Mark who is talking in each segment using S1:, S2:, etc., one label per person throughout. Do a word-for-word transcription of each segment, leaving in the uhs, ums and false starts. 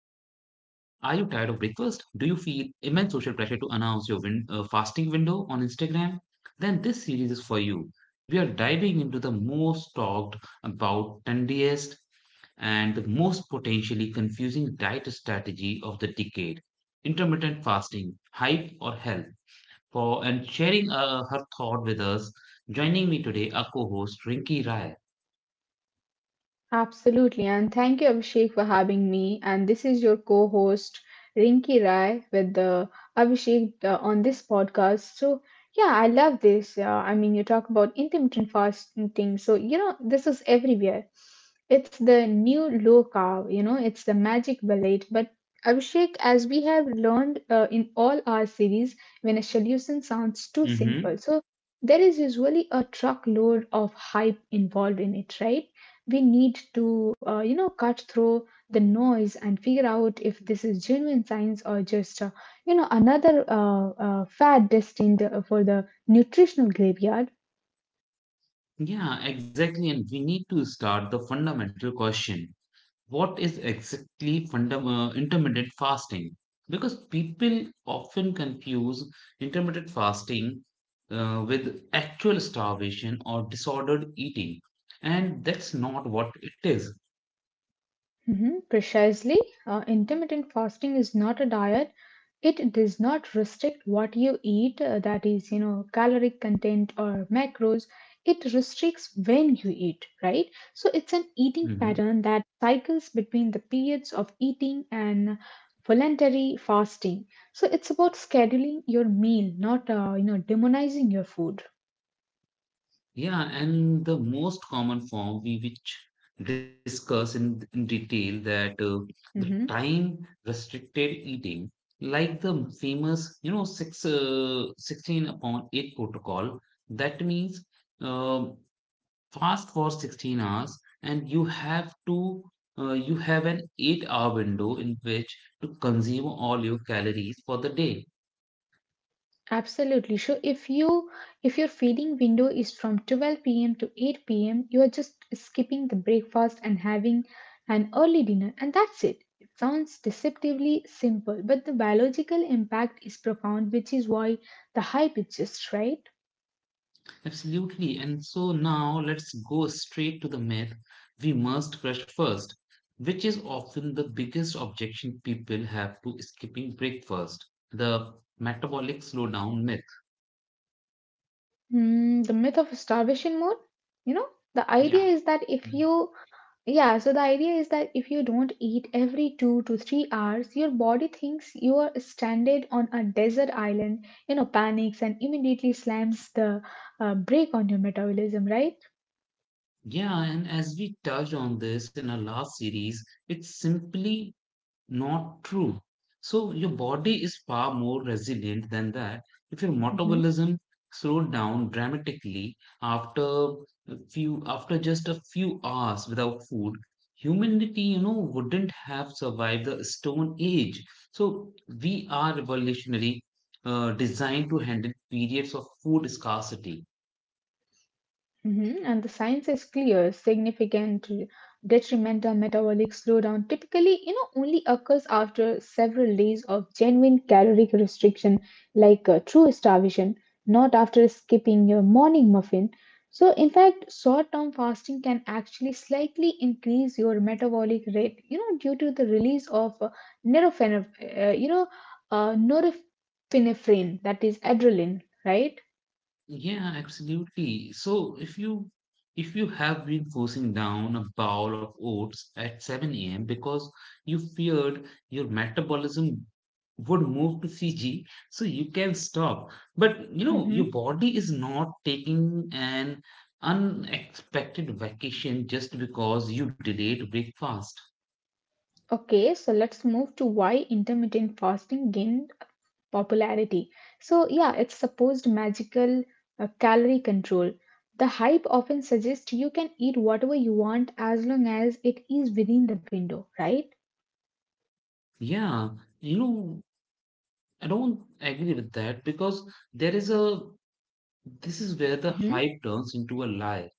S1: tired of breakfast? Do you feel immense social pressure to announce your win- uh, fasting window on Instagram? Then this series is for you. We are diving into the most talked about, trendiest, and the most potentially confusing diet strategy of the decade intermittent fasting, hype, or health. For and sharing uh, her thought with us, joining me today, our co host Rinki Rai.
S2: Absolutely. And thank you, Abhishek, for having me. And this is your co host, Rinki Rai, with the Abhishek uh, on this podcast. So, yeah, I love this. Uh, I mean, you talk about intermittent fasting. So, you know, this is everywhere. It's the new low carb, you know, it's the magic bullet. But, Abhishek, as we have learned uh, in all our series, when a solution sounds too simple, so there is usually a truckload of hype involved in it, right? We need to uh, you know cut through the noise and figure out if this is genuine science or just uh, you know another uh, uh, fad destined uh, for the nutritional graveyard.
S1: Yeah, exactly. And we need to start the fundamental question. What is exactly fundam- uh, intermittent fasting? Because people often confuse intermittent fasting uh, with actual starvation or disordered eating, and that's not what it is.
S2: Mhm, precisely. Uh, intermittent fasting is not a diet. It does not restrict what you eat, uh, that is you know caloric content or macros. It restricts when you eat, right? So it's an eating
S1: Mm-hmm.
S2: pattern that cycles between the periods of eating and voluntary fasting. So it's about scheduling your meal, not uh, you know demonizing your food.
S1: Yeah, and the most common form we which discuss in, in detail that uh, the
S2: Mhm.
S1: time restricted eating, like the famous, you know, six uh, sixteen upon eight protocol, that means um fast for sixteen hours, and you have to uh, you have an eight hour window in which to consume all your calories for the day.
S2: Absolutely. So if you if your feeding window is from twelve p m to eight p m, you are just skipping the breakfast and having an early dinner, and that's it. It sounds deceptively simple, but the biological impact is profound, which is why the hype exists, right?
S1: Absolutely. And so now let's go straight to the myth we must crush first, which is often the biggest objection people have to skipping breakfast, the metabolic slowdown myth.
S2: Mm, the myth of starvation mode, you know, the
S1: Yeah.
S2: idea is that if you yeah, so the idea is that if you don't eat every two to three hours, your body thinks you are stranded on a desert island, you know, panics and immediately slams the uh, brake on your metabolism, right?
S1: Yeah, and as we touched on this in our last series, it's simply not true. So your body is far more resilient than that. If your
S2: Mhm.
S1: metabolism slowed down dramatically after a few after just a few hours without food, humanity, you know, wouldn't have survived the Stone Age. So we are evolutionary uh, designed to handle periods of food scarcity.
S2: Mhm, and the science is clear. Significant detrimental metabolic slowdown typically, you know, only occurs after several days of genuine caloric restriction, like uh, true starvation, not after skipping your morning muffin. So, in fact, short-term fasting can actually slightly increase your metabolic rate, you know, due to the release of uh, neurophen, uh, you know, uh, norepinephrine, that is adrenaline, right?
S1: Yeah, absolutely. So if you if you have been forcing down a bowl of oats at seven a m because you feared your metabolism would move to C G, so you can stop. But you know, your
S2: Mm-hmm.
S1: body is not taking an unexpected vacation just because you delayed breakfast.
S2: Okay, so let's move to why intermittent fasting gained popularity. So, yeah, it's supposed magical uh, calorie control. The hype often suggests you can eat whatever you want as long as it is within the window, right?
S1: Yeah, you know, I don't agree with that, because there is a this is where the
S2: Hmm.
S1: hype turns into a lie.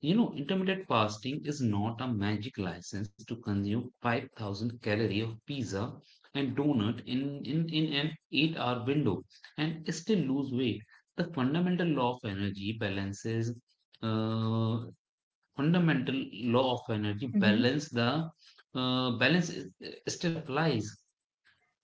S1: You know, intermittent fasting is not a magic license to consume five thousand calorie of pizza and donut in, in, in an eight-hour window and still lose weight. The fundamental law of energy balances, uh, fundamental law of energy
S2: Mhm.
S1: balance the uh, balance is- still applies.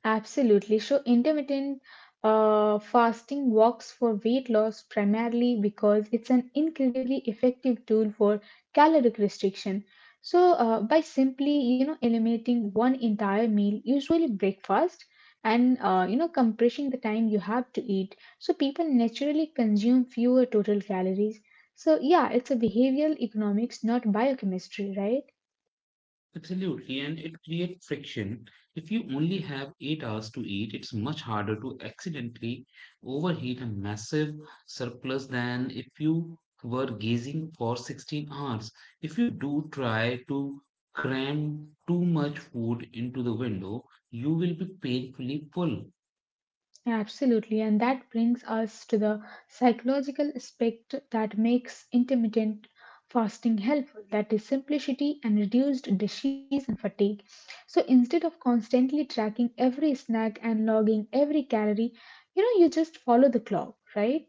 S2: Absolutely. So, intermittent uh, fasting works for weight loss primarily because it's an incredibly effective tool for caloric restriction. So, uh, by simply you know eliminating one entire meal, usually breakfast, and uh, you know compressing the time you have to eat, so people naturally consume fewer total calories. So, yeah, it's a behavioral economics, not biochemistry, right?
S1: Absolutely, and it creates friction. If you only have eight hours to eat, it's much harder to accidentally overheat a massive surplus than if you were gazing for sixteen hours. If you do try to cram too much food into the window, you will be painfully full.
S2: Absolutely, and that brings us to the psychological aspect that makes intermittent fasting helpful, that is, simplicity and reduced disease and fatigue. So, instead of constantly tracking every snack and logging every calorie, you know, you just follow the clock, right?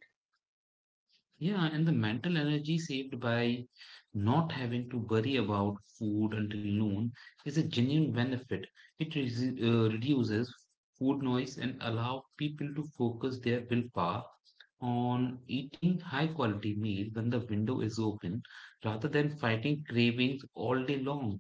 S1: Yeah, and the mental energy saved by not having to worry about food until noon is a genuine benefit. It re- uh, reduces food noise and allow people to focus their willpower on eating high quality meal when the window is open, rather than fighting cravings all day long.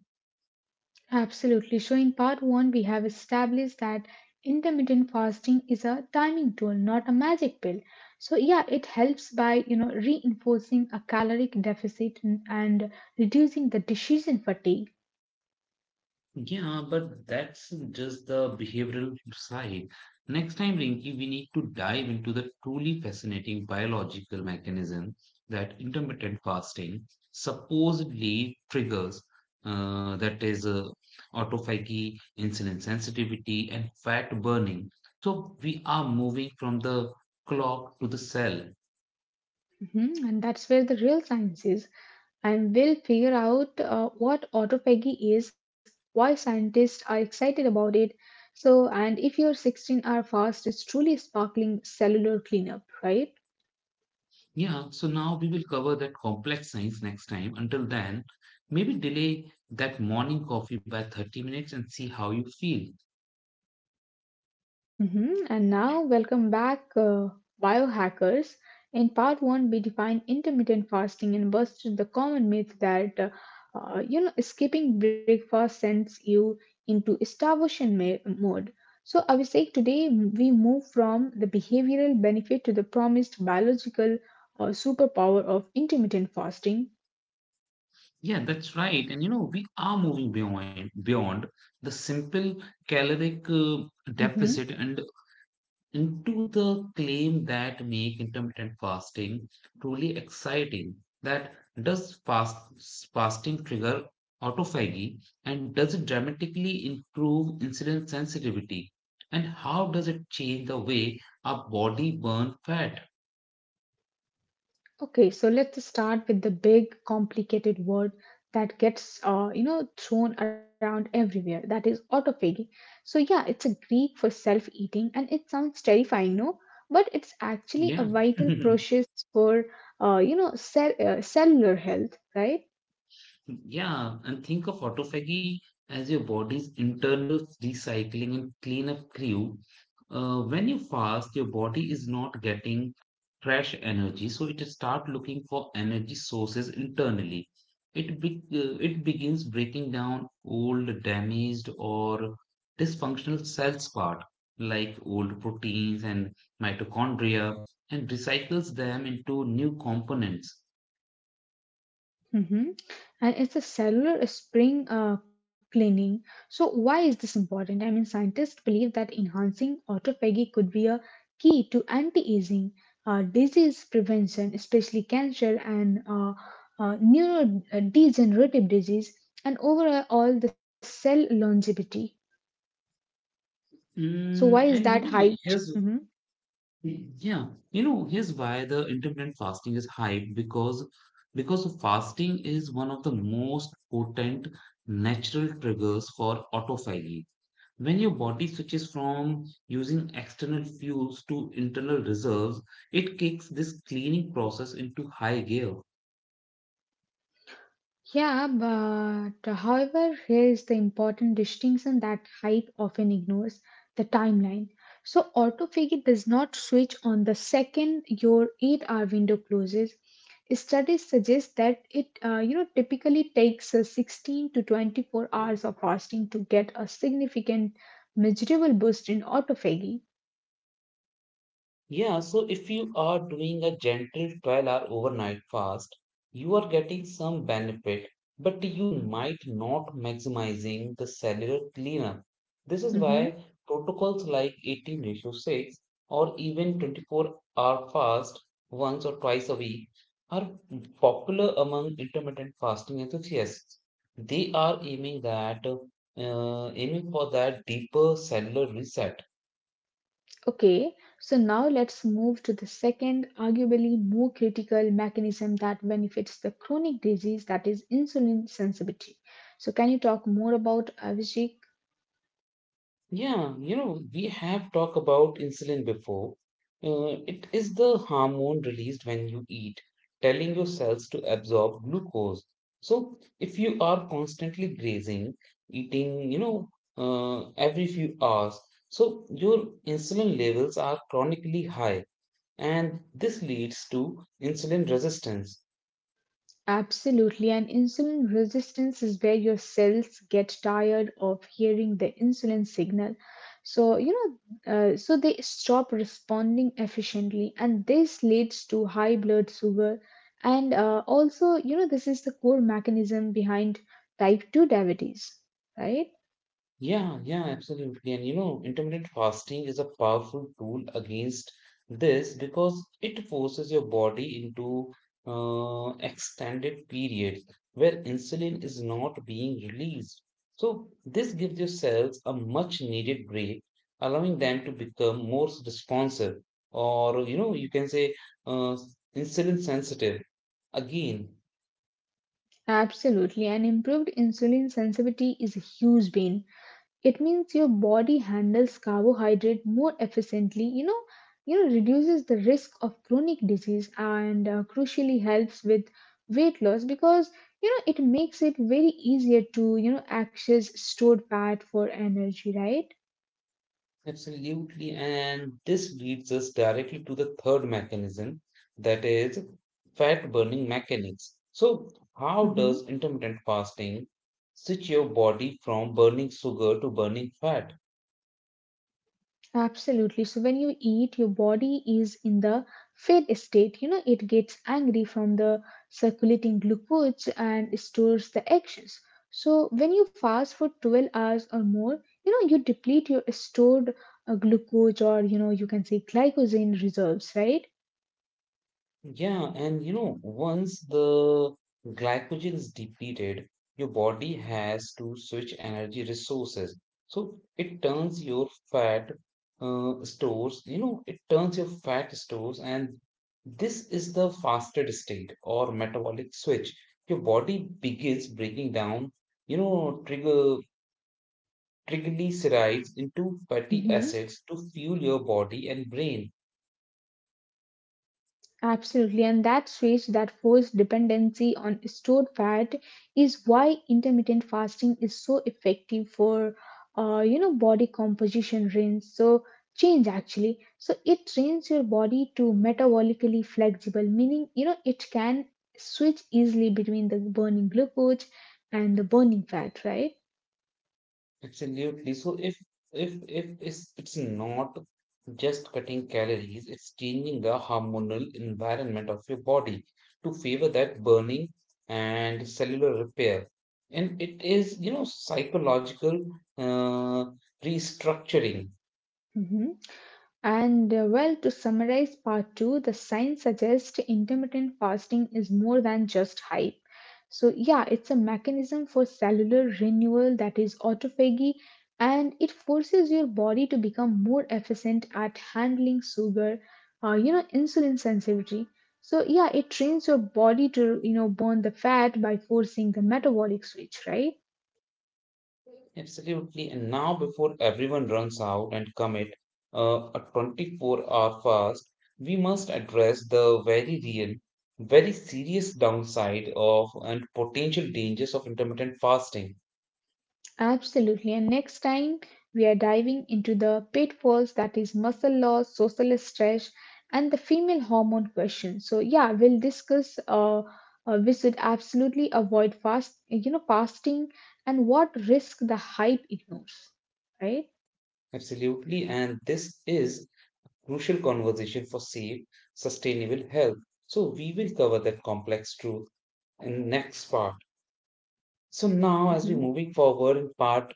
S2: Absolutely. So, in part one, we have established that intermittent fasting is a timing tool, not a magic pill. So, yeah, it helps by you know reinforcing a caloric deficit, and, and reducing the decision fatigue.
S1: Yeah, but that's just the behavioral side. Next time, Rinki, we need to dive into the truly fascinating biological mechanism that intermittent fasting supposedly triggers, uh, that is, uh, autophagy, insulin sensitivity, and fat burning. So we are moving from the clock to the cell.
S2: Mhm. And that's where the real science is. And we'll figure out uh, what autophagy is, why scientists are excited about it. So, and if your sixteen hour fast is truly sparkling cellular cleanup, right?
S1: Yeah, so now we will cover that complex science next time. Until then, maybe delay that morning coffee by thirty minutes and see how you feel.
S2: Mhm. And now, welcome back, uh, biohackers. In part one, we defined intermittent fasting and busted the common myth that uh, uh, you know skipping breakfast sends you into starvation ma- mode. So, Abhishek, today we move from the behavioral benefit to the promised biological uh, superpower of intermittent fasting.
S1: Yeah, that's right. And you know, we are moving beyond beyond the simple caloric uh,
S2: Mm-hmm.
S1: deficit and into the claim that make intermittent fasting truly exciting. That, does fast fasting trigger autophagy, and does it dramatically improve insulin sensitivity, and how does it change the way our body burn fat?
S2: Okay, so let's start with the big, complicated word that gets, uh, you know, thrown around everywhere. That is autophagy. So yeah, it's a Greek for self-eating, and it sounds terrifying, no? But it's actually a
S1: Yeah.
S2: vital process for, uh, you know, cell, uh, cellular health, right?
S1: Yeah, and think of autophagy as your body's internal recycling and cleanup crew. Uh, when you fast, your body is not getting fresh energy, so it start looking for energy sources internally. It be- uh, it begins breaking down old, damaged, or dysfunctional cells part like old proteins and mitochondria, and recycles them into new components.
S2: Mm-hmm. And it's a cellular spring uh, cleaning. So, why is this important? I mean, scientists believe that enhancing autophagy could be a key to anti aging, uh, disease prevention, especially cancer and uh, uh, neurodegenerative disease, and overall the cell longevity. So, why
S1: Mm,
S2: is that
S1: and you
S2: high?
S1: know, here's
S2: Mm-hmm.
S1: Yeah, you know, here's why the intermittent fasting is hyped, because because fasting is one of the most potent natural triggers for autophagy. When your body switches from using external fuels to internal reserves, it kicks this cleaning process into high gear.
S2: Yeah, but uh, however, here is the important distinction that hype often ignores, the timeline. So, autophagy does not switch on the second your eight hour window closes. Studies suggest that it uh, you know typically takes uh, sixteen to twenty-four hours of fasting to get a significant measurable boost in autophagy.
S1: Yeah, so if you are doing a gentle twelve hour overnight fast, you are getting some benefit, but you might not maximizing the cellular cleanup. This is
S2: Mm-hmm.
S1: why protocols like eighteen ratio six, or even twenty-four hour fast once or twice a week, are popular among intermittent fasting enthusiasts. They are aiming that uh, aiming for that deeper cellular reset.
S2: Okay, so now let's move to the second, arguably more critical mechanism that benefits the chronic disease, that is insulin sensitivity. So, can you talk more about Avicii?
S1: Yeah, you know, we have talked about insulin before. Uh, it is the hormone released when you eat, telling your cells to absorb glucose. So, if you are constantly grazing, eating, you know, uh, every few hours, so your insulin levels are chronically high, and this leads to insulin resistance.
S2: Absolutely, and insulin resistance is where your cells get tired of hearing the insulin signal. So, you know, uh, so they stop responding efficiently, and this leads to high blood sugar. And uh, also, you know, this is the core mechanism behind type two diabetes, right?
S1: Yeah, yeah, absolutely. And you know, intermittent fasting is a powerful tool against this, because it forces your body into uh, extended periods where insulin is not being released. So, this gives your cells a much needed break, allowing them to become more responsive, or you know, you can say uh, insulin sensitive. Again,
S2: Absolutely, and improved insulin sensitivity is a huge bane. It means your body handles carbohydrate more efficiently, you know, you know reduces the risk of chronic disease and uh, crucially helps with weight loss because you know it makes it very easier to you know access stored fat for energy, right?
S1: absolutely. And this leads us directly to the third mechanism, that is fat burning mechanics. So, how
S2: Hmm.
S1: does intermittent fasting switch your body from burning sugar to burning fat?
S2: Absolutely. So when you eat, your body is in the fed state. You know, it gets angry from the circulating glucose and stores the actions. So when you fast for twelve hours or more, you know, you deplete your stored uh, glucose or, you know, you can say glycogen reserves, right?
S1: Yeah, and you know, once the glycogen is depleted, your body has to switch energy resources. So it turns your fat uh, stores, you know, it turns your fat stores, and this is the fasted state or metabolic switch. Your body begins breaking down, you know, trigger triglycerides into fatty
S2: Hmm.
S1: acids to fuel your body and brain.
S2: Absolutely, and that switch, that forced dependency on stored fat, is why intermittent fasting is so effective for, uh, you know, body composition range. So change actually. So it trains your body to metabolically flexible, meaning you know it can switch easily between the burning glucose and the burning fat, right?
S1: Absolutely. So if if if it's, it's not just cutting calories, it's changing the hormonal environment of your body to favor that burning and cellular repair. And it is, you know, psychological uh, restructuring.
S2: Mhm. And uh, well, to summarize part two, the science suggests intermittent fasting is more than just hype. So, yeah, it's a mechanism for cellular renewal that is autophagy, and it forces your body to become more efficient at handling sugar, uh, you know, insulin sensitivity. So, yeah, it trains your body to, you know, burn the fat by forcing the metabolic switch, right?
S1: Absolutely. And now, before everyone runs out and commit uh, a twenty-four-hour fast, we must address the very real, very serious downside of and potential dangers of intermittent fasting.
S2: Absolutely. And next time, we are diving into the pitfalls, that is muscle loss, social stress, and the female hormone question. So yeah, we'll discuss uh, uh, we should absolutely avoid fast, you know, fasting and what risk the hype ignores, right?
S1: Absolutely. And this is crucial conversation for safe, sustainable health. So we will cover that complex truth in next part. So now as we
S2: Mhm.
S1: moving forward in part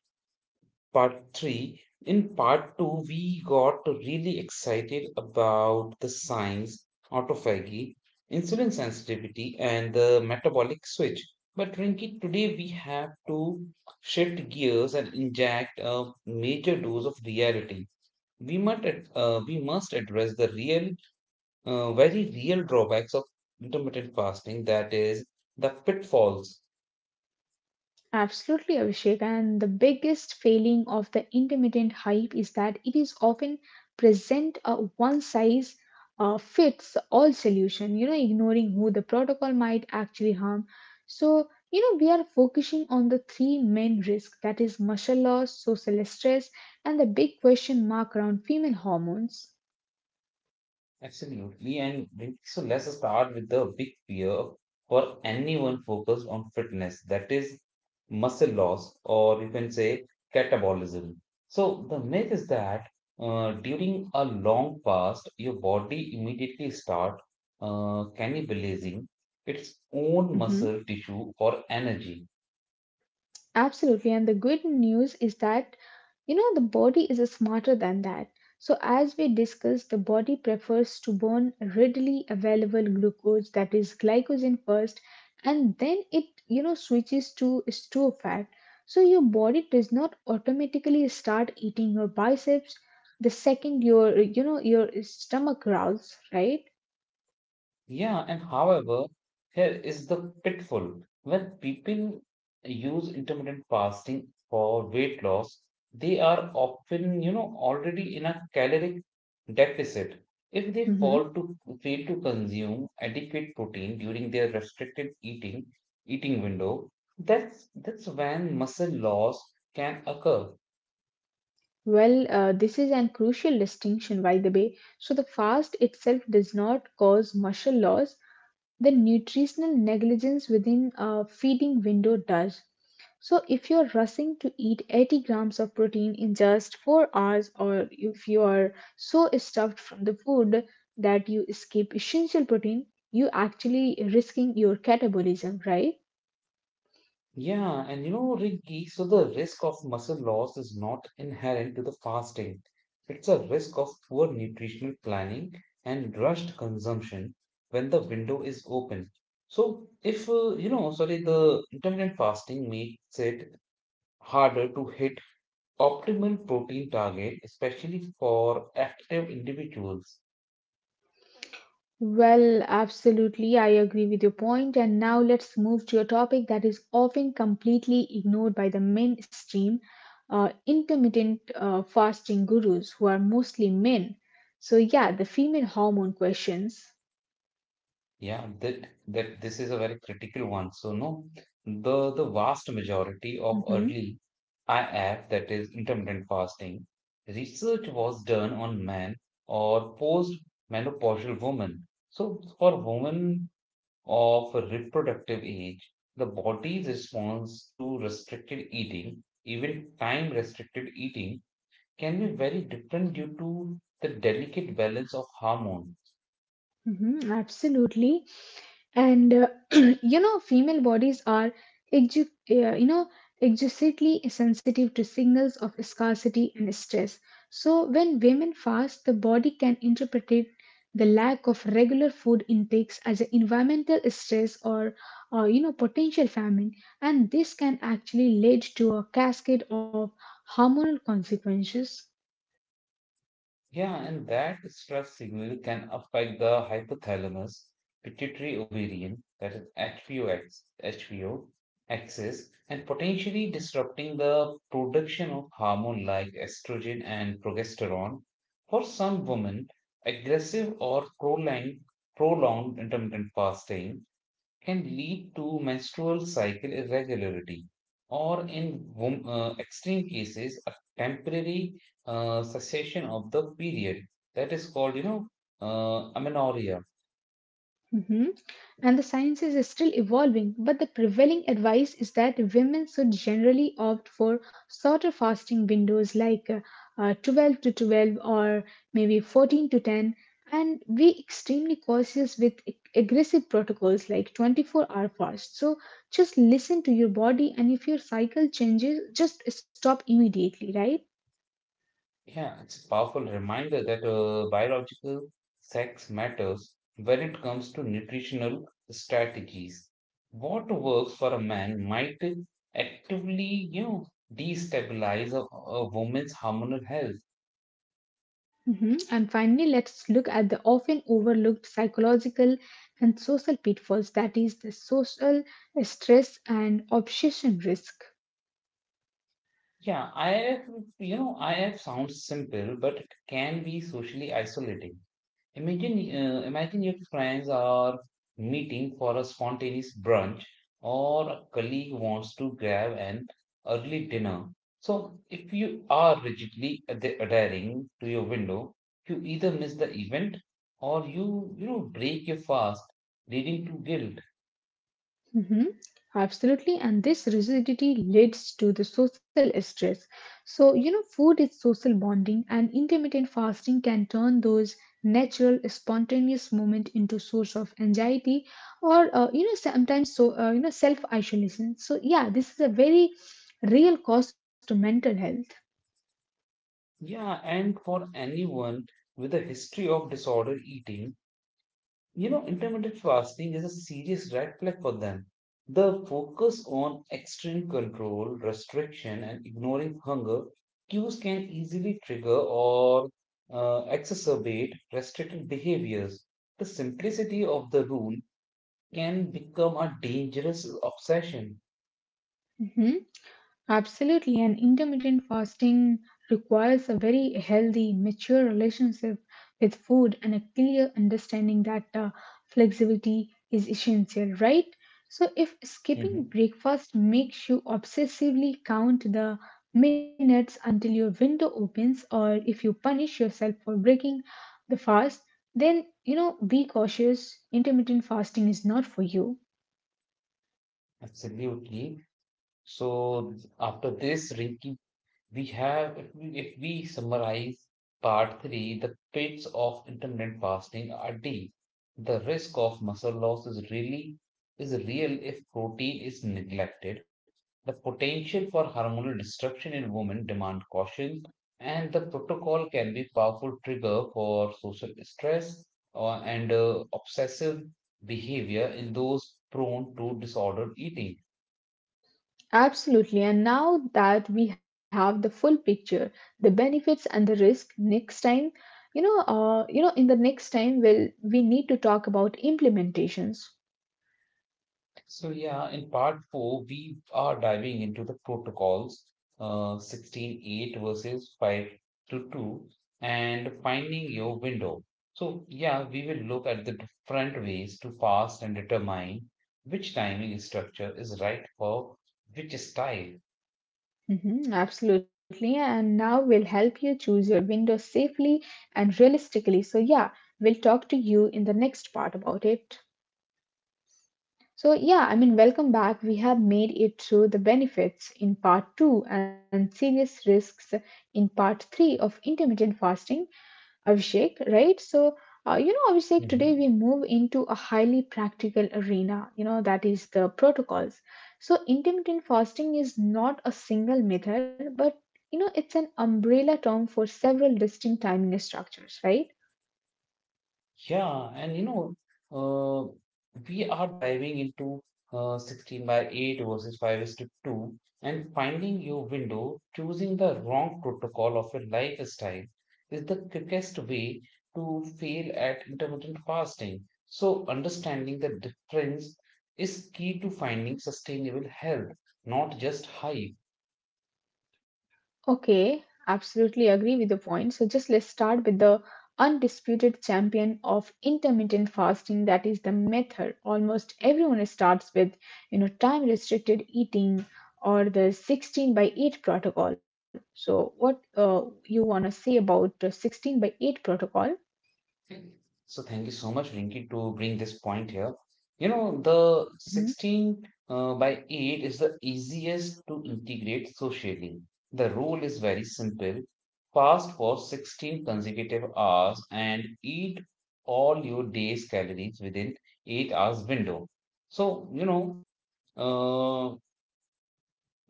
S1: part three, in part two we got really excited about the science, autophagy, insulin sensitivity, and the metabolic switch. But Rinki, today we have to shift gears and inject a major dose of reality. We must, ad- uh, we must address the real uh, very real drawbacks of intermittent fasting, that is the pitfalls.
S2: Absolutely, Abhishek. And the biggest failing of the intermittent hype is that it is often present a one size uh, fits all solution, you know, ignoring who the protocol might actually harm. So, you know, we are focusing on the three main risks, that is muscle loss, social stress, and the big question mark around female hormones.
S1: Absolutely, and then- so let's start with the big fear for anyone focused on fitness, that is muscle loss, or you can say catabolism. So the myth is that uh, during a long fast your body immediately start uh, cannibalizing its own
S2: Hmm.
S1: muscle tissue for energy.
S2: Absolutely. And the good news is that you know, the body is smarter than that. So, as we discussed, the body prefers to burn readily available glucose, that is glycogen first, and then it, you know, switches to store fat. So, your body does not automatically start eating your biceps the second your, you know, your stomach growls, right?
S1: Yeah, and however, here is the pitfall. When people use intermittent fasting for weight loss, they are often, you know, already in a caloric deficit. If they
S2: Hmm.
S1: fall to fail to consume adequate protein during their restricted eating eating window, that's that's when muscle loss can occur.
S2: Well, uh, this is an crucial distinction, by the way. So, the fast itself does not cause muscle loss, the nutritional negligence within a feeding window does. So, if you're rushing to eat eighty grams of protein in just four hours, or if you are so stuffed from the food that you skip essential protein, you actually risking your catabolism, right?
S1: Yeah, and you know, Rinki, so the risk of muscle loss is not inherent to the fasting. It's a risk of poor nutritional planning and rushed consumption when the window is open. So, if uh, you know, sorry, the intermittent fasting makes it harder to hit optimal protein target, especially for active individuals.
S2: Well, absolutely, I agree with your point. And now let's move to a topic that is often completely ignored by the mainstream uh, intermittent uh, fasting gurus, who are mostly men. So, yeah, the female hormone questions.
S1: Yeah, that that this is a very critical one. So no, the the vast majority of
S2: Hmm.
S1: early I F, that is intermittent fasting, research was done on men or post-menopausal women. So for women of reproductive age, the body's response to restricted eating, even time-restricted eating, can be very different due to the delicate balance of hormones.
S2: Hmm, absolutely. And uh, you know female bodies are ex- uh, you know exquisitely sensitive to signals of scarcity and stress. So when women fast, the body can interpret it, the lack of regular food intakes as an environmental stress or uh, you know potential famine, and this can actually lead to a cascade of hormonal consequences.
S1: Yeah, and that stress signal can affect the hypothalamus, pituitary ovarian, that is H P O X H P O axis, and potentially disrupting the production of hormone like estrogen and progesterone. For some women, aggressive or prolonged, prolonged intermittent fasting can lead to menstrual cycle irregularity or, in wom- uh, extreme cases, a temporary uh, cessation of the period. That is called, you know, uh, amenorrhea.
S2: Hmm. And the science is still evolving, but the prevailing advice is that women should generally opt for shorter fasting windows like uh, uh, twelve to twelve or maybe fourteen to ten, and be extremely cautious with ag- aggressive protocols like twenty-four hour fast. So just listen to your body, and if your cycle changes, just stop immediately, right?
S1: Yeah, it's a powerful reminder that uh, biological sex matters when it comes to nutritional strategies. What works for a man might actively, you know, destabilize a, a woman's hormonal health.
S2: Mhm. And finally, let's look at the often overlooked psychological and social pitfalls, that is, the social stress and obsession risk.
S1: Yeah, I have, you know, I have sounds simple, but it can be socially isolating. Imagine, uh, imagine your friends are meeting for a spontaneous brunch, or a colleague wants to grab an early dinner. So, if you are rigidly ad- adhering to your window, you either miss the event, or you, you know, break your fast, leading to guilt.
S2: Mhm. Absolutely, and this rigidity leads to the social stress. So, you know, food is social bonding, and intermittent fasting can turn those natural, spontaneous moments into source of anxiety or, uh, you know, sometimes so, uh, you know, self isolation. So, yeah, this is a very real cost to mental health.
S1: Yeah, and for anyone with a history of disorder eating. You know, intermittent fasting is a serious red flag for them. The focus on extreme control, restriction, and ignoring hunger cues can easily trigger or uh, exacerbate restricted behaviors. The simplicity of the rule can become a dangerous obsession.
S2: Mhm. Absolutely, and intermittent fasting requires a very healthy, mature relationship with food and a clear understanding that uh, flexibility is essential, right? So, if skipping
S1: Mhm.
S2: breakfast makes you obsessively count the minutes until your window opens, or if you punish yourself for breaking the fast, then you know be cautious. Intermittent fasting is not for you.
S1: Absolutely. So, after this, We have, if we, if we summarize part three, the pits of intermittent fasting are deep. The risk of muscle loss is really is real if protein is neglected. The potential for hormonal disruption in women demand caution, and the protocol can be a powerful trigger for social stress uh, and uh, obsessive behavior in those prone to disordered eating.
S2: Absolutely. And now that we have the full picture, the benefits and the risk, next time, you know, uh, you know, in the next time, we'll we need to talk about implementations.
S1: So, yeah, in part four, we are diving into the protocols, uh, sixteen eight versus five to two, and finding your window. So, yeah, we will look at the different ways to fast and determine which timing structure is right for which style.
S2: Mhm, absolutely. And now we'll help you choose your window safely and realistically. So yeah, we'll talk to you in the next part about it. So yeah, I mean, welcome back. We have made it through the benefits in part two and serious risks in part three of intermittent fasting. Abhishek, right? So, uh, you know, Abhishek, today we
S1: Mhm.
S2: move into a highly practical arena, you know, that is the protocols. So, intermittent fasting is not a single method, but, you know, it's an umbrella term for several distinct timing structures, right?
S1: Yeah, and you know, uh, we are diving into uh, sixteen by eight versus five is to two and finding your window. Choosing the wrong protocol of your lifestyle is the quickest way to fail at intermittent fasting. So, understanding the difference is key to finding sustainable health, not just hype.
S2: Okay, absolutely agree with your point. So just let's start with the undisputed champion of intermittent fasting, that is the method almost everyone starts with, you know time restricted eating, or the sixteen by eight protocol. So what uh, you want to say about the sixteen by eight protocol?
S1: So thank you so much, Rinki, to bring this point here. You know, the
S2: mm-hmm,
S1: sixteen uh, by eight is the easiest to integrate socially. The rule is very simple. Fast for sixteen consecutive hours and eat all your day's calories within eight hours window. So, you know, uh,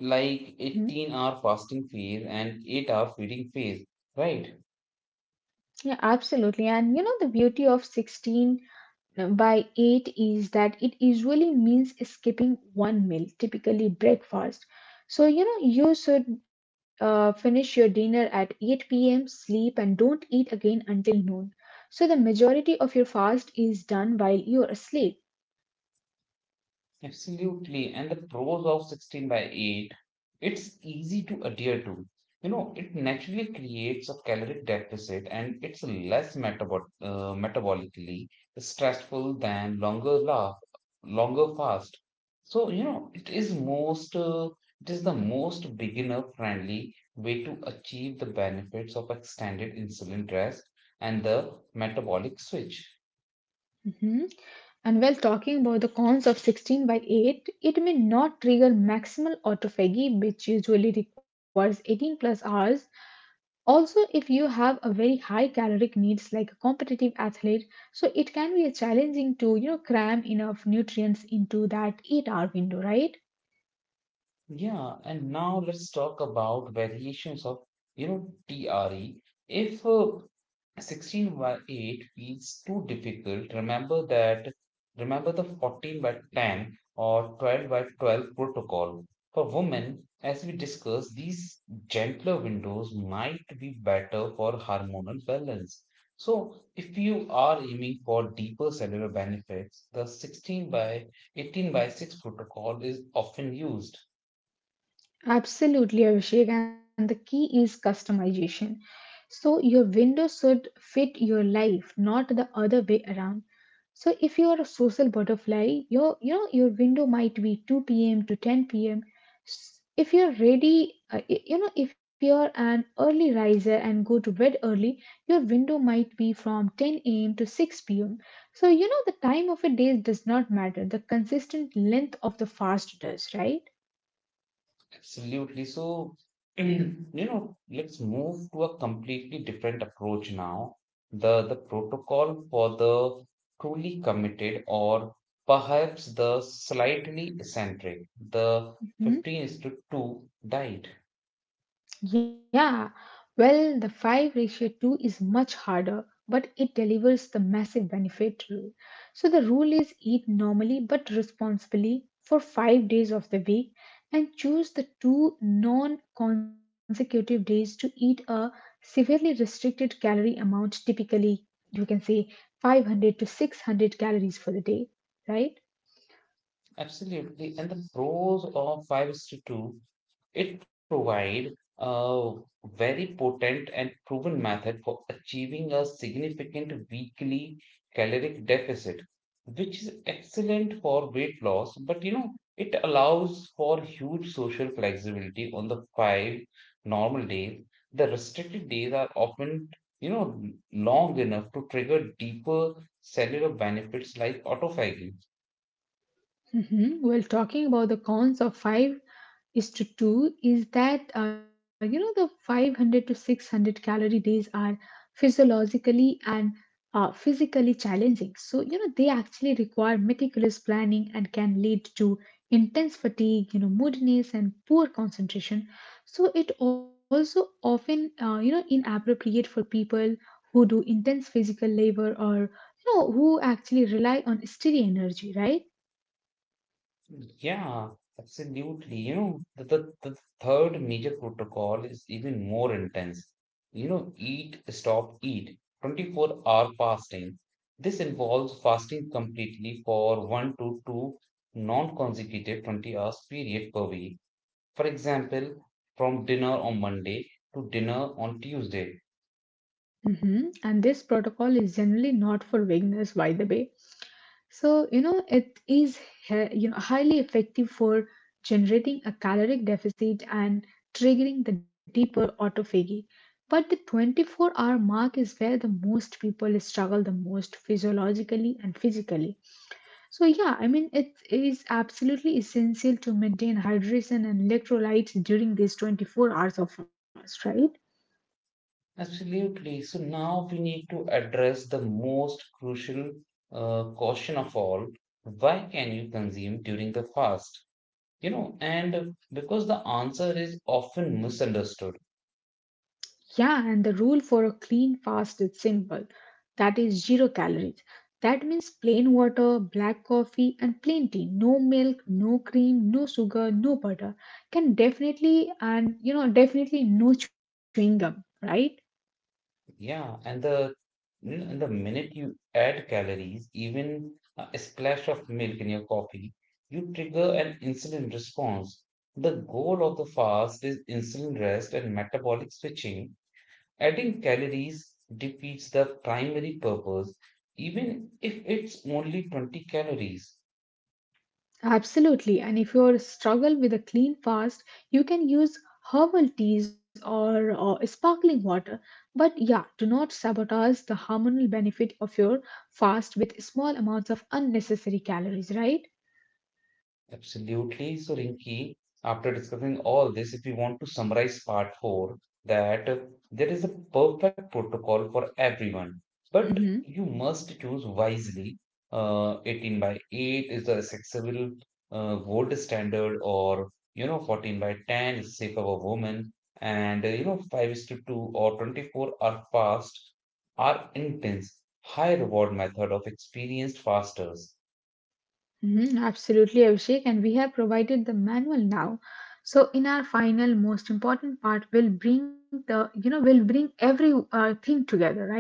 S1: like
S2: mm-hmm.
S1: eighteen hour fasting phase and eight hour feeding phase, right?
S2: Yeah, absolutely. And you know the beauty of sixteen by eight is that it usually means skipping one meal, typically breakfast. So, you know, you should uh, finish your dinner at eight p m, sleep, and don't eat again until noon. So, the majority of your fast is done while you are asleep.
S1: Absolutely. And the pros of sixteen by eight, it's easy to adhere to. You know, it naturally creates a caloric deficit, and it's less metabol uh, metabolically stressful than longer laugh, longer fast. So, you know, it is most uh, it is the most beginner friendly way to achieve the benefits of extended insulin rest and the metabolic switch.
S2: Mhm. And while talking about the cons of sixteen by eight, it may not trigger maximal autophagy, which usually requires eighteen plus hours. Also, if you have a very high caloric needs like a competitive athlete, so it can be a challenging to, you know, cram enough nutrients into that eight hour window, right?
S1: Yeah, and now let's talk about variations of, you know, T R E. If uh, sixteen by eight feels too difficult, remember that, remember the fourteen by ten or twelve by twelve protocol. For women, as we discussed, these gentler windows might be better for hormonal balance. So, if you are aiming for deeper cellular benefits, the sixteen by eighteen by six protocol is often used.
S2: Absolutely, Abhishek. And the key is customization. So your window should fit your life, not the other way around. So if you are a social butterfly, your you know your window might be two p m to ten p m. If you're ready, uh, y- you know, if you're an early riser and go to bed early, your window might be from ten a m to six p m. So you know the time of a day does not matter. The consistent length of the fast does, right?
S1: Absolutely. So, you know, let's move to a completely different approach now. The the protocol for the truly committed, or perhaps the slightly eccentric, the fifteen
S2: Hmm?
S1: is to two diet.
S2: Yeah, well, the five ratio two is much harder, but it delivers the massive benefit rule. So the rule is eat normally but responsibly for five days of the week, and choose the two non consecutive days to eat a severely restricted calorie amount, typically, you can say five hundred to six hundred calories for the day, right?
S1: Absolutely. And the pros of five is to two. It provides a very potent and proven method for achieving a significant weekly caloric deficit, which is excellent for weight loss. But you know, it allows for huge social flexibility on the five normal days. The restricted days are often, you know, long enough to trigger deeper cellular benefits like autophagy.
S2: Mhm. Well, talking about the cons of five is to two is that uh, you know the five hundred to six hundred calorie days are physiologically and uh, physically challenging. So you know they actually require meticulous planning and can lead to intense fatigue, you know, moodiness and poor concentration. So it also often uh, you know inappropriate for people who do intense physical labor, or you know who actually rely on steady energy, right?
S1: Yeah, absolutely. You know, the, the, the third major protocol is even more intense. You know, eat, stop, eat. twenty-four hour fasting. This involves fasting completely for one to two non consecutive twenty hours period per week. For example, from dinner on Monday to dinner on Tuesday.
S2: Mhm. And this protocol is generally not for beginners, by the way. So, you know, it is he- you know, highly effective for generating a caloric deficit and triggering the deeper autophagy. But the twenty-four hour mark is where the most people struggle the most physiologically and physically. So, yeah, I mean, it is absolutely essential to maintain hydration and electrolytes during these twenty-four hours of fast, right?
S1: Absolutely. So now we need to address the most crucial uh, question of all. Why can you consume during the fast? You know, and because the answer is often misunderstood.
S2: Yeah, and the rule for a clean fast is simple. That is zero calories. That means plain water, black coffee, and plain tea. No milk, no cream, no sugar, no butter. Can definitely, and you know, definitely no chewing gum, right?
S1: Yeah, and the and the minute you add calories, even a splash of milk in your coffee, you trigger an insulin response. The goal of the fast is insulin rest and metabolic switching. Adding calories defeats the primary purpose, even if it's only twenty calories.
S2: Absolutely. And if you struggle with a clean fast, you can use herbal teas or, or sparkling water. But yeah, do not sabotage the hormonal benefit of your fast with small amounts of unnecessary calories, right?
S1: Absolutely. So, Rinki, after discussing all this, if we want to summarize part four, that uh, there is a perfect protocol for everyone, but
S2: Hmm.
S1: you must choose wisely. Uh, eighteen by eight is the accessible uh, gold standard, or you know, fourteen by ten is safe for women, and uh, you know, five is to two or twenty-four are fast, are intense, high reward method of experienced fasters.
S2: Hmm. Absolutely, Abhishek. And we have provided the manual now. So in our final, most important part, we'll bring the, you know, we'll bring every uh, thing together, right?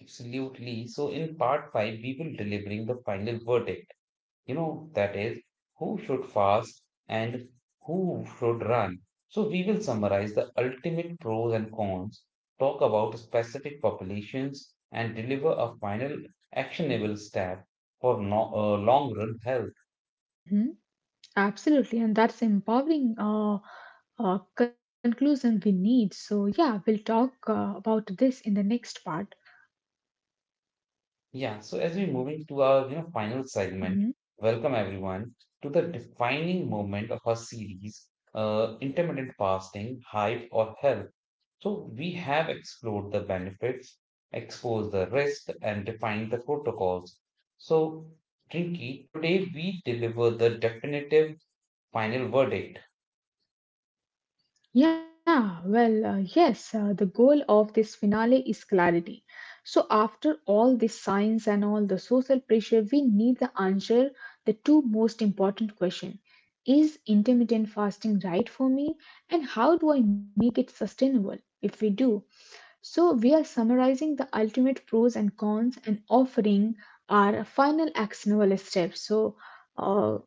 S1: Absolutely. So in part five, we will delivering the final verdict. You know, that is who should fast and who should run. So we will summarize the ultimate pros and cons, talk about specific populations, and deliver a final actionable step for no, uh, long run health.
S2: Hmm. Absolutely. And that's empowering uh, uh, conclusion we need. So yeah, we'll talk uh, about this in the next part.
S1: Yeah. So as we move into our you know final segment,
S2: Mhm.
S1: welcome everyone to the defining moment of our series, uh, intermittent fasting, hype or health. So we have explored the benefits, exposed the risks, and defined the protocols. So, Trinky, today we deliver the definitive final verdict.
S2: Yeah, well, uh, yes, uh, the goal of this finale is clarity. So, after all this science and all the social pressure, we need the answer the two most important questions. Is intermittent fasting right for me? And how do I make it sustainable if we do? So, we are summarizing the ultimate pros and cons and offering our final actionable steps. So, uh,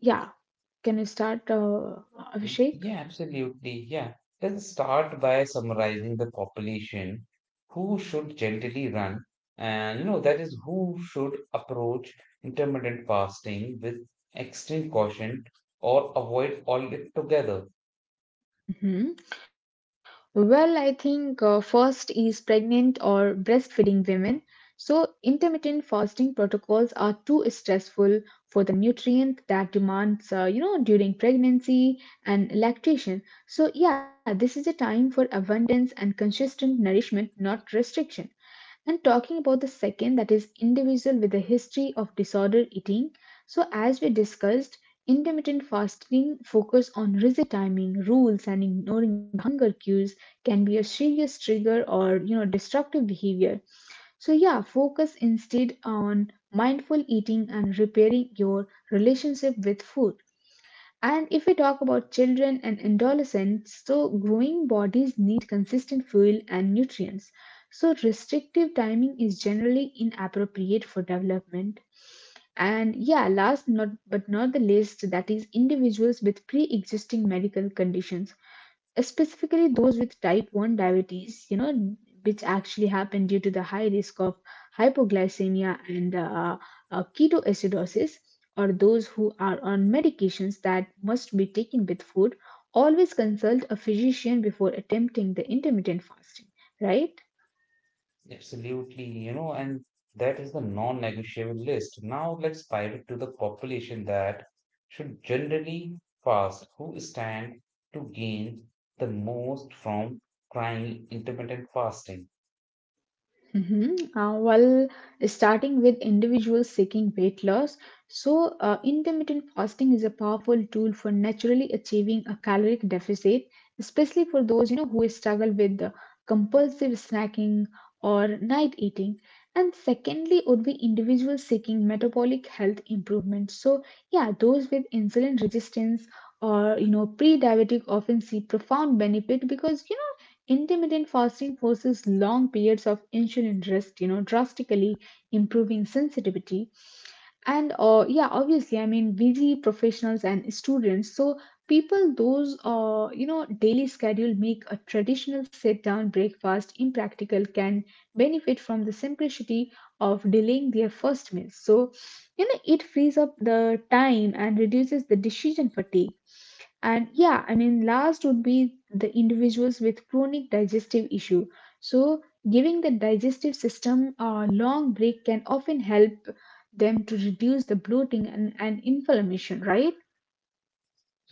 S2: yeah, can you start, uh, Abhishek?
S1: Yeah, absolutely. Yeah. Let's start by summarizing the population who should gently run, and you know, that is who should approach intermittent fasting with extreme caution or avoid all altogether.
S2: Mhm. Well, I think uh, first is pregnant or breastfeeding women. So, intermittent fasting protocols are too stressful for the nutrient that demands, uh, you know, during pregnancy and lactation. So, yeah, this is a time for abundance and consistent nourishment, not restriction. And talking about the second, that is individual with a history of disordered eating. So, as we discussed, intermittent fasting focus on rigid timing, rules, and ignoring hunger cues can be a serious trigger or you know destructive behavior. So yeah, focus instead on mindful eating and repairing your relationship with food. And if we talk about children and adolescents, so growing bodies need consistent fuel and nutrients. So restrictive timing is generally inappropriate for development. And yeah, last not but not the least, that is individuals with pre-existing medical conditions, specifically those with type one diabetes, you know, which actually happen due to the high risk of hypoglycemia and uh, uh, ketoacidosis, or those who are on medications that must be taken with food. Always consult a physician before attempting the intermittent fasting, right?
S1: Absolutely, you know, and that is the non-negotiable list. Now let's pivot to the population that should generally fast, who stand to gain the most from trying intermittent fasting.
S2: Mm-hmm. Uh, well, starting with individuals seeking weight loss, so uh, intermittent fasting is a powerful tool for naturally achieving a caloric deficit, especially for those you know who struggle with uh, compulsive snacking or night eating. And secondly, would be individuals seeking metabolic health improvement. So yeah, those with insulin resistance or you know pre-diabetic often see profound benefit, because you know intermittent fasting forces long periods of insulin rest, you know, drastically improving sensitivity. And uh, yeah, obviously, I mean, busy professionals and students. So people, those uh, you know, daily schedule make a traditional sit-down breakfast impractical can benefit from the simplicity of delaying their first meal. So you know, it frees up the time and reduces the decision fatigue. And yeah, I mean last would be the individuals with chronic digestive issue. So giving the digestive system a long break can often help them to reduce the bloating and, and inflammation, right?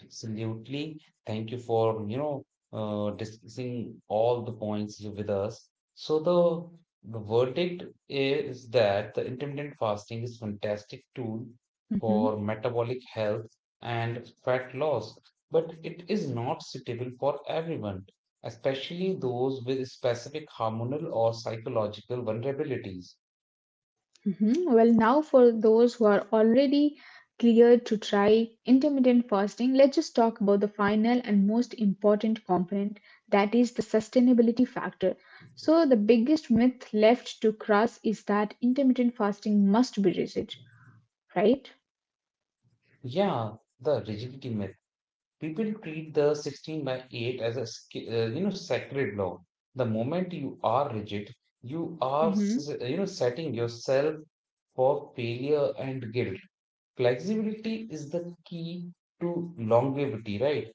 S1: Absolutely. Thank you for, you know, uh, discussing all the points with us. So the the verdict is that the intermittent fasting is fantastic tool
S2: Mhm.
S1: for metabolic health and fat loss, but it is not suitable for everyone, especially those with specific hormonal or psychological vulnerabilities.
S2: Mhm. Well, now for those who are already cleared to try intermittent fasting, let's just talk about the final and most important component, that is the sustainability factor. So, the biggest myth left to cross is that intermittent fasting must be rigid, right?
S1: Yeah, the rigidity myth. People treat the sixteen by eight as a sca- uh, you know sacred law. The moment you are rigid, you are s- you know setting yourself for failure and guilt. Flexibility is the key to longevity, right?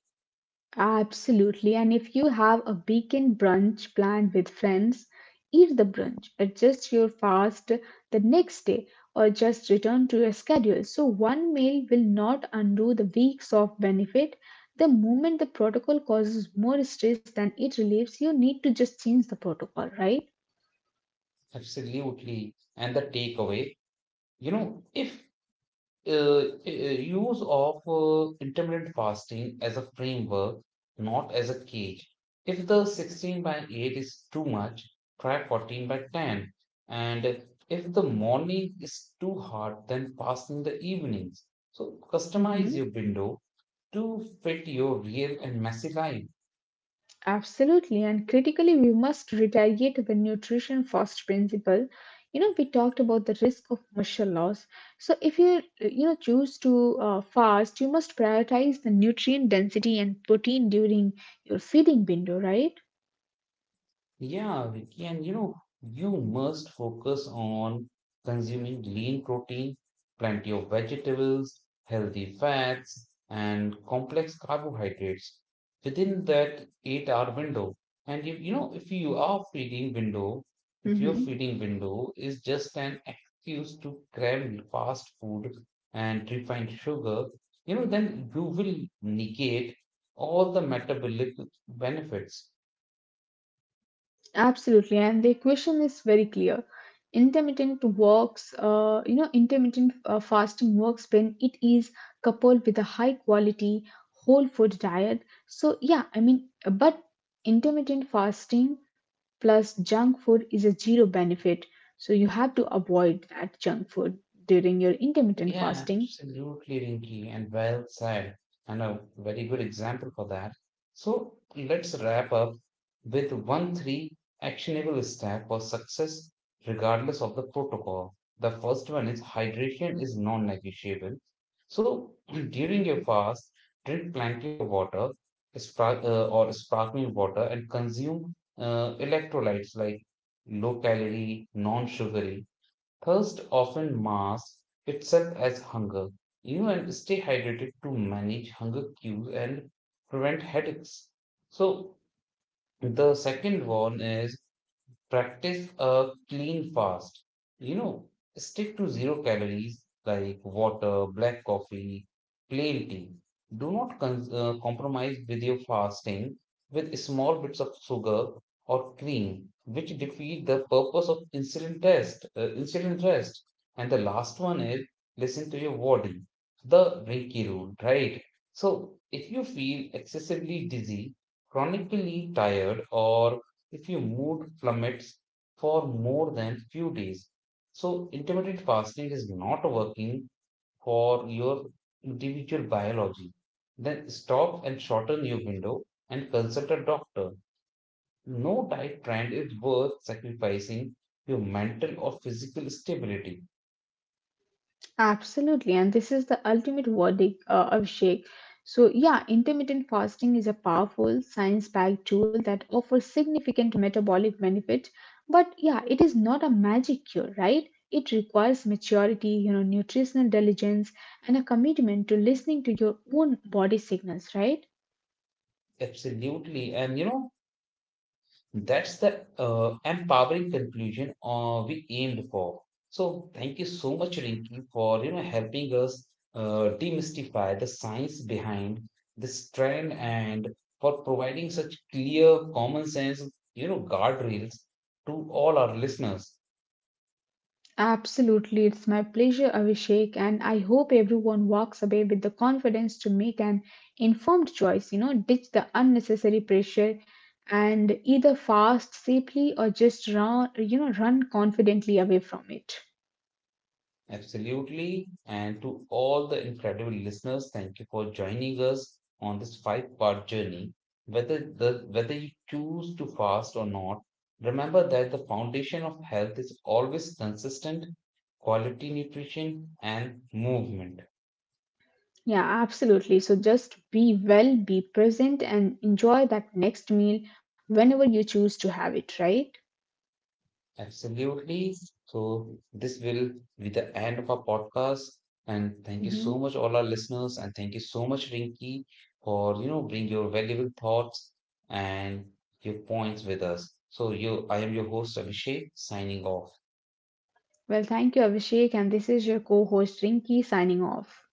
S2: Absolutely. And if you have a weekend brunch planned with friends, eat the brunch, adjust your fast the next day, or just return to your schedule. So, one meal will not undo the weeks of benefit. The moment the protocol causes more stress than it relieves, you need to just change the protocol, right?
S1: Absolutely. And the takeaway, you know, if uh, uh, use of uh, intermittent fasting as a framework, not as a cage. If the sixteen by eight is too much, try fourteen by ten. And if the morning is too hard, then fast in the evenings. So customize
S2: Mm-hmm.
S1: your window to fit your real and messy life.
S2: Absolutely, and critically, we must retaliate the nutrition first principle. You know, we talked about the risk of muscle loss. So, if you you know choose to uh, fast, you must prioritize the nutrient density and protein during your feeding window, right?
S1: Yeah, Vicky, and you know, you must focus on consuming lean protein, plenty of vegetables, healthy fats, and complex carbohydrates within that eight hour window. And if you know, if you are feeding window, if your
S2: Mhm.
S1: feeding window is just an excuse to crave fast food and refined sugar, you know, then you will negate all the metabolic benefits.
S2: Absolutely, and the equation is very clear. Intermittent works, uh, you know, intermittent uh, fasting works when it is coupled with a high quality whole food diet. So, yeah, I mean, but intermittent fasting plus junk food is a zero benefit. So, you have to avoid that junk food during your intermittent
S1: Yeah,
S2: fasting.
S1: absolutely, Rinky, and well said, and a very good example for that. So let's wrap up with one three actionable step for success, regardless of the protocol. The first one is, hydration is non-negotiable. So during your fast, drink plenty of water, spar- uh, or sparkling water, and consume uh, electrolytes like low calorie, non-sugary. Thirst often masks itself as hunger. You and stay hydrated to manage hunger cues and prevent headaches. So the second one is, practice a clean fast. You know, stick to zero calories like water, black coffee, plain tea. Do not con- uh, compromise with your fasting with small bits of sugar or cream, which defeat the purpose of insulin test, uh, insulin rest. And the last one is, listen to your body, the Reiki rule, right? So if you feel excessively dizzy, chronically tired, or if your mood plummets for more than few days. So intermittent fasting is not working for your individual biology. Then stop and shorten your window and consult a doctor. No diet trend is worth sacrificing your mental or physical stability.
S2: Absolutely, and this is the ultimate verdict uh, of Sheikh. So, yeah, intermittent fasting is a powerful science backed tool that offers significant metabolic benefit. But yeah, it is not a magic cure, right? It requires maturity, you know, nutritional diligence, and a commitment to listening to your own body signals, right?
S1: Absolutely. And you know, That's the uh, empowering conclusion uh, we aimed for. So thank you so much, Rinki, for you know helping us uh, demystify the science behind this trend and for providing such clear, common sense, you know, guardrails to all our listeners.
S2: Absolutely, it's my pleasure, Abhishek, and I hope everyone walks away with the confidence to make an informed choice. You know, ditch the unnecessary pressure and either fast safely or just run, you know, run confidently away from it.
S1: Absolutely. And to all the incredible listeners, thank you for joining us on this five-part journey. Whether the whether you choose to fast or not, remember that the foundation of health is always consistent quality nutrition and movement.
S2: Yeah, absolutely. So just be well, be present, and enjoy that next meal whenever you choose to have it, right?
S1: Absolutely. So this will be the end of our podcast. And thank you
S2: Hmm.
S1: so much, all our listeners, and thank you so much, Rinky, for you know bring your valuable thoughts and your points with us. So you, I am your host, Abhishek, signing off.
S2: Well, thank you, Abhishek, and this is your co host Rinki signing off.